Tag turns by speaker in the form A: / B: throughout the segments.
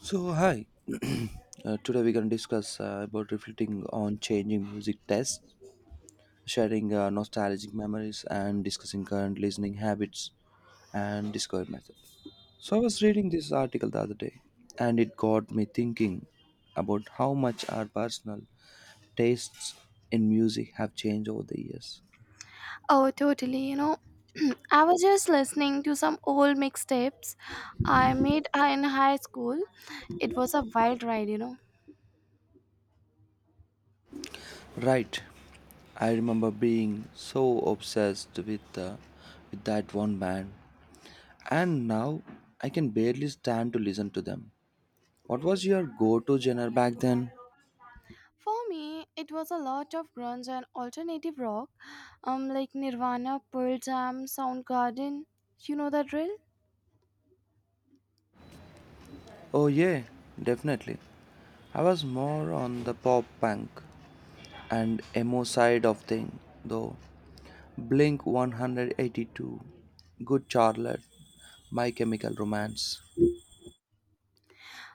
A: So hi, today we're gonna discuss about reflecting on changing music tastes, sharing nostalgic memories, and discussing current listening habits and discovery method. So I was reading this article the other day, and it got me thinking about how much our personal tastes in music have changed over the years.
B: Oh, totally. You know, I was just listening to some old mixtapes I made in high school. It was a wild ride.
A: Right, I remember being so obsessed with with that one band. And now I can barely stand to listen to them. What was your go to genre back then?
B: For me, it was a lot of grunge and alternative rock, like Nirvana, Pearl Jam, Soundgarden. You know the drill?
A: Oh, yeah, definitely. I was more on the pop punk and emo side of thing, though. Blink 182, Good Charlotte, My Chemical Romance.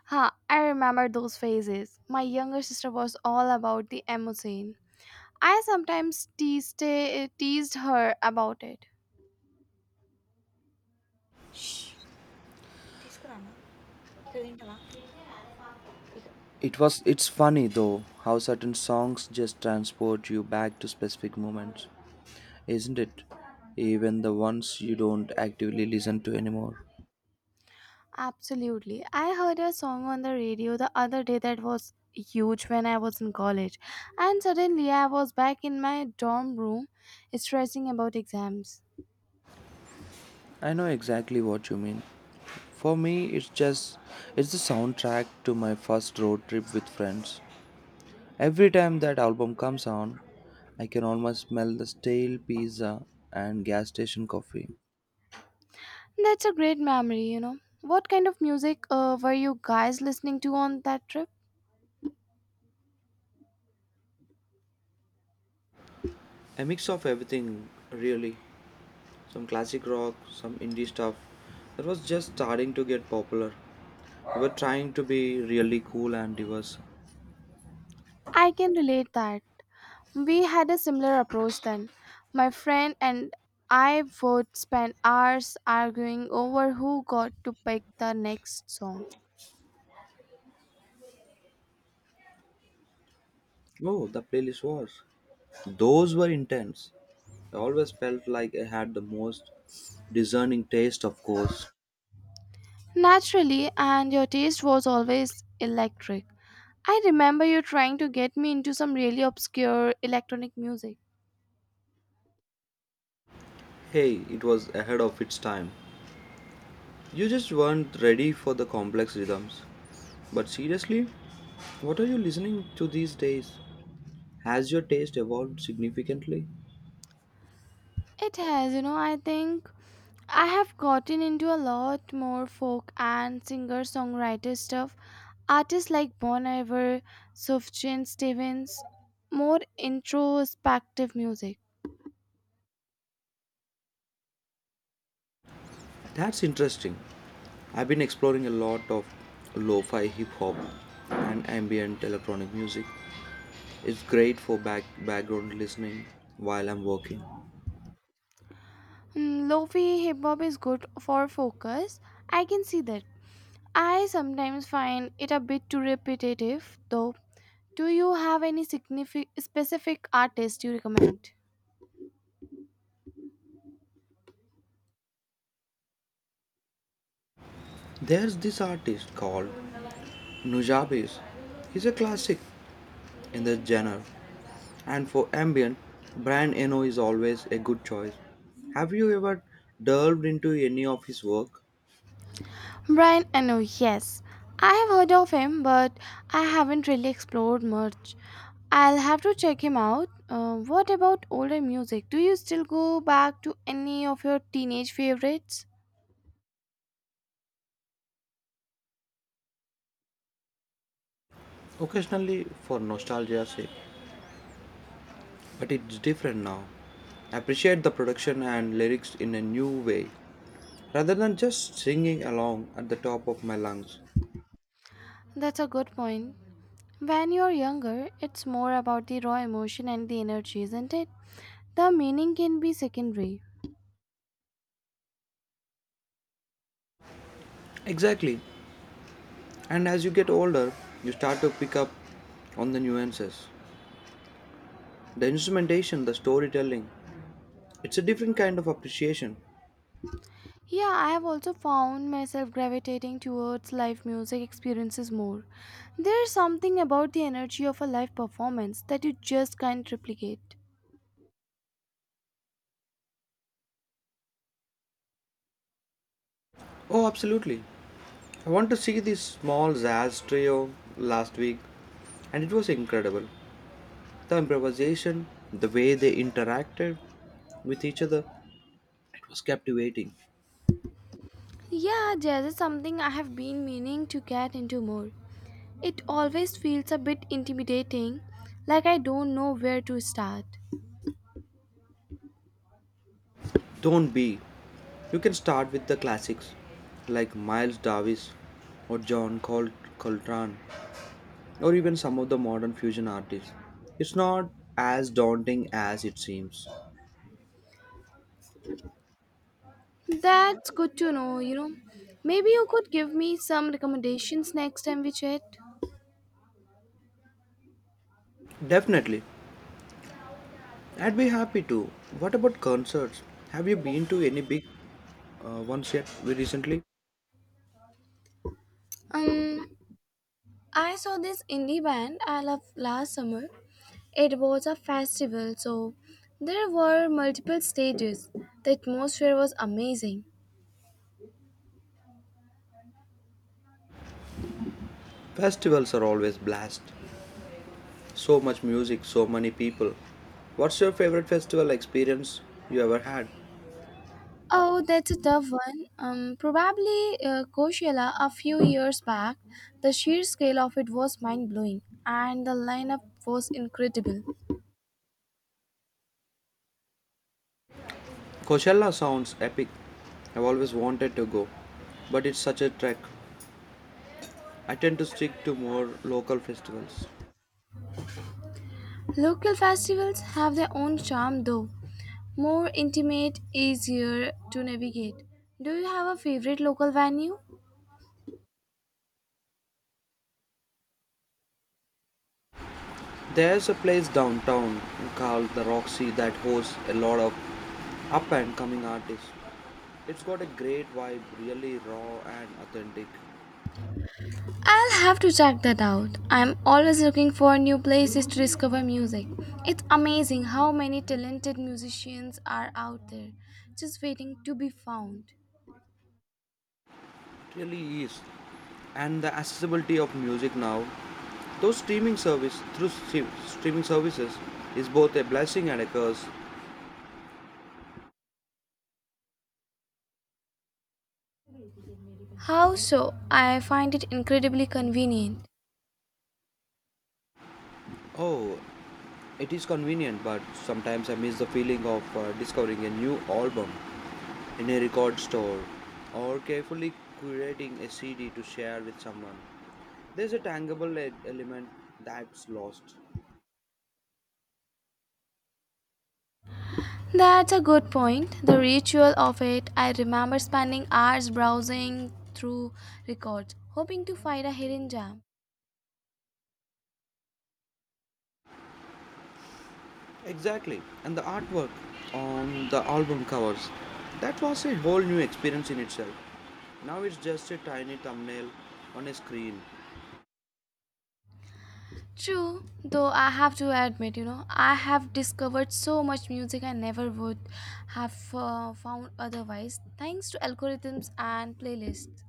B: Ha! I remember those phases. My younger sister was all about the emo scene. I sometimes teased her about it.
A: It's funny though how certain songs just transport you back to specific moments, isn't it? Even the ones you don't actively listen to anymore.
B: Absolutely. I heard a song on the radio the other day that was huge when I was in college, and suddenly I was back in my dorm room stressing about exams.
A: I know exactly what you mean. For me, it's the soundtrack to my first road trip with friends. Every time that album comes on, I can almost smell the stale pizza and gas station coffee.
B: That's a great memory. What kind of music were you guys listening to on that trip?
A: A mix of everything, really. Some classic rock, some indie stuff that was just starting to get popular. We were trying to be really cool and diverse.
B: I can relate that. We had a similar approach then. My friend and I would spend hours arguing over who got to pick the next song.
A: Oh, the playlist was. Those were intense. I always felt like I had the most discerning taste, of course.
B: Naturally, and your taste was always electric. I remember you trying to get me into some really obscure electronic music.
A: Hey, it was ahead of its time. You just weren't ready for the complex rhythms. But seriously, what are you listening to these days? Has your taste evolved significantly?
B: It has, I think I have gotten into a lot more folk and singer songwriter stuff. Artists like Bon Iver, Sufjan Stevens, more introspective music.
A: That's interesting. I've been exploring a lot of lo fi hip hop and ambient electronic music. It's great for background listening while I'm working.
B: Mm, Lofi hip hop is good for focus. I can see that. I sometimes find it a bit too repetitive, though. Do you have any specific artist you recommend?
A: There's this artist called Nujabes. He's a classic in the genre, and for ambient, Brian Eno is always a good choice. Have you ever delved into any of his work?
B: Brian Eno, yes. I have heard of him, but I haven't really explored much. I'll have to check him out. What about older music? Do you still go back to any of your teenage favorites?
A: Occasionally for nostalgia's sake, but it's different now. Appreciate the production and lyrics in a new way rather than just singing along at the top of my lungs.
B: That's a good point. When you're younger, it's more about the raw emotion and the energy, isn't it? The meaning can be secondary.
A: Exactly. And as you get older, you start to pick up on the nuances, the instrumentation, the storytelling. It's a different kind of appreciation.
B: Yeah, I have also found myself gravitating towards live music experiences more. There's something about the energy of a live performance that you just can't replicate.
A: Oh, absolutely. I want to see this small jazz trio last week, and it was incredible. The improvisation, the way they interacted with each other, it was captivating.
B: Yeah, jazz is something I have been meaning to get into more. It always feels a bit intimidating, like I don't know where to start.
A: Don't be. You can start with the classics like Miles Davis or Coltrane or even some of the modern fusion artists. It's not as daunting as it seems.
B: That's good to know. Maybe you could give me some recommendations next time we chat.
A: Definitely. I'd be happy to. What about concerts? Have you been to any big ones yet recently?
B: Um, I saw this indie band I love last summer. It was a festival, so there were multiple stages. The atmosphere was amazing.
A: Festivals are always blast. So much music, so many people. What's your favorite festival experience you ever had?
B: Oh, that's a tough one. Probably Coachella a few years back. The sheer scale of it was mind blowing, and the lineup was incredible.
A: Coachella sounds epic. I've always wanted to go, but it's such a trek. I tend to stick to more local festivals.
B: Local festivals have their own charm, though, more intimate, easier to navigate. Do you have a favorite local venue?
A: There's a place downtown called the Roxy that hosts a lot of up and coming artists. It's got a great vibe, really raw and authentic.
B: I'll have to check that out. I'm always looking for new places to discover music. It's amazing how many talented musicians are out there, just waiting to be found.
A: It really is. And the accessibility of music now, though streaming services is both a blessing and a curse.
B: How so? I find it incredibly convenient.
A: Oh, it is convenient, but sometimes I miss the feeling of discovering a new album in a record store or carefully curating a CD to share with someone. There's a tangible element that's lost.
B: That's a good point. The ritual of it, I remember spending hours browsing through records, hoping to find a hidden gem.
A: Exactly. And the artwork on the album covers. That was a whole new experience in itself. Now it's just a tiny thumbnail on a screen.
B: True, though I have to admit, I have discovered so much music I never would have found otherwise, thanks to algorithms and playlists.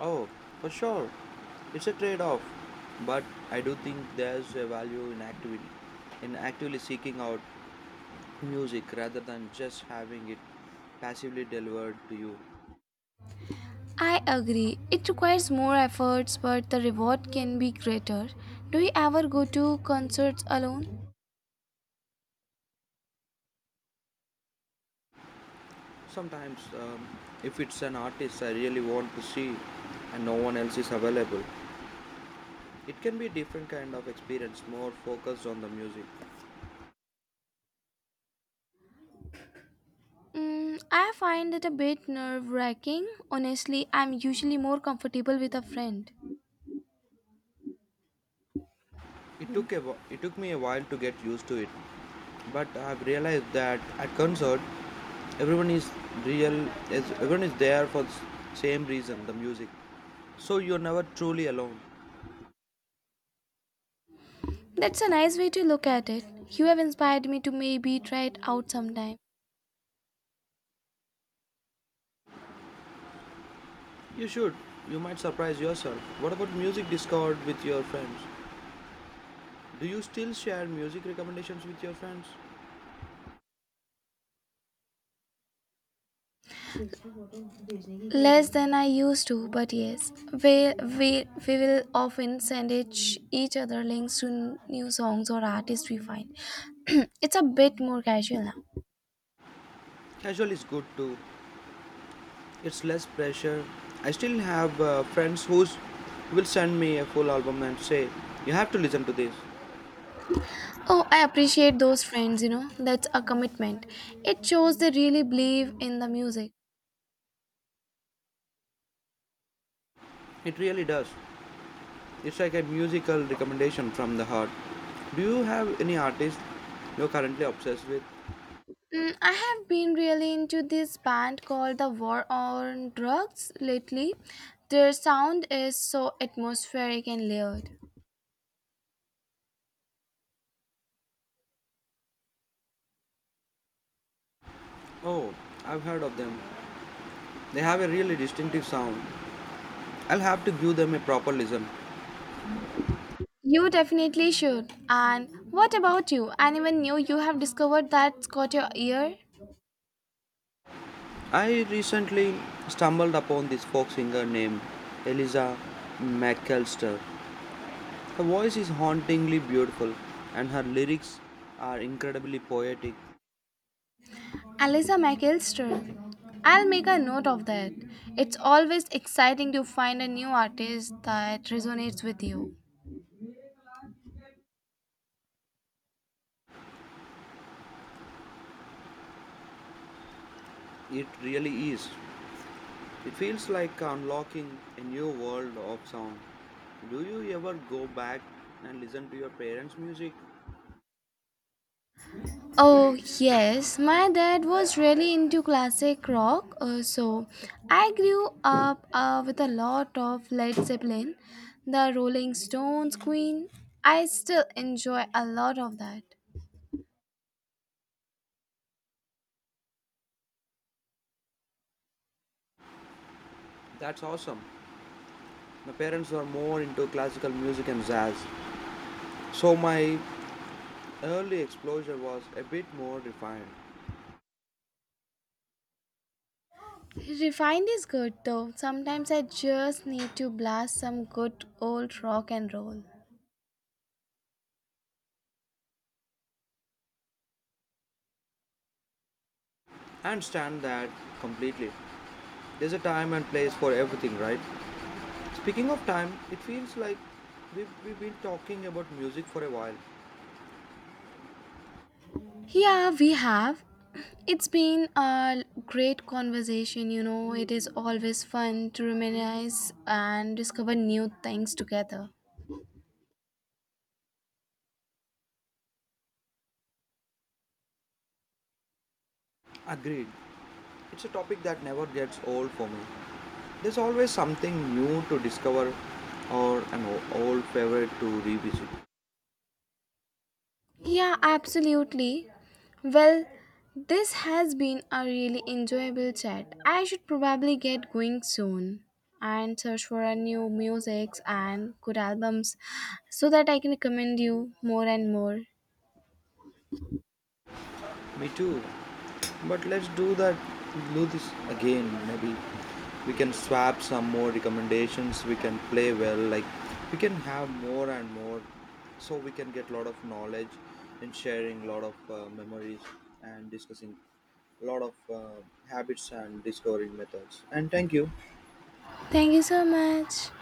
A: Oh, for sure. It's a trade off. But I do think there's a value in actively seeking out music rather than just having it passively delivered to you.
B: I agree, it requires more efforts, but the reward can be greater. Do you ever go to concerts alone?
A: Sometimes, if it's an artist I really want to see and no one else is available, it can be a different kind of experience, more focused on the music.
B: Mm, I find it a bit nerve wracking. Honestly, I'm usually more comfortable with a friend.
A: It took me a while to get used to it, but I've realized that at concert, everyone is real, everyone is there for the same reason, the music. So you're never truly alone.
B: That's a nice way to look at it. You have inspired me to maybe try it out sometime.
A: You should. You might surprise yourself. What about music discovered with your friends? Do you still share music recommendations with your friends?
B: Less than I used to, but yes. We will often send each other links to new songs or artists we find. It's a bit more casual now.
A: Casual is good too. It's less pressure. I still have friends who will send me a full album and say, "You have to listen to this."
B: Oh, I appreciate those friends, you know. That's a commitment. It shows they really believe in the music.
A: It really does. It's like a musical recommendation from the heart. Do you have any artist you're currently obsessed with?
B: Mm, I have been really into this band called The War on Drugs lately. Their sound is so atmospheric and layered.
A: Oh, I've heard of them. They have a really distinctive sound. I'll have to give them a proper listen.
B: You definitely should. And what about you? Anyone new you have discovered that's caught your ear?
A: I recently stumbled upon this folk singer named Eliza McAllister. Her voice is hauntingly beautiful and her lyrics are incredibly poetic.
B: Alyssa McElster. I'll make a note of that. It's always exciting to find a new artist that resonates with you.
A: It really is. It feels like unlocking a new world of sound. Do you ever go back and listen to your parents' music?
B: Oh, yes, my dad was really into classic rock, so I grew up with a lot of Led Zeppelin, the Rolling Stones, Queen. I still enjoy a lot of that.
A: That's awesome. My parents were more into classical music and jazz, so my early exposure was a bit more refined.
B: Refined is good though. Sometimes I just need to blast some good old rock and roll.
A: I understand that completely. There's a time and place for everything, right? Speaking of time, it feels like we've been talking about music for a while.
B: Yeah, we have. It's been a great conversation. It is always fun to reminisce and discover new things together.
A: Agreed. It's a topic that never gets old for me. There's always something new to discover or an old favorite to revisit.
B: Yeah, absolutely. Well, this has been a really enjoyable chat. I should probably get going soon and search for a new musics and good albums so that I can recommend you more and more.
A: Me too. But let's do that. Do this again. Maybe we can swap some more recommendations. We can play well. Like we can have more and more, so we can get lot of knowledge and sharing lot of memories and discussing lot of habits and discovering methods. And thank you.
B: Thank you so much.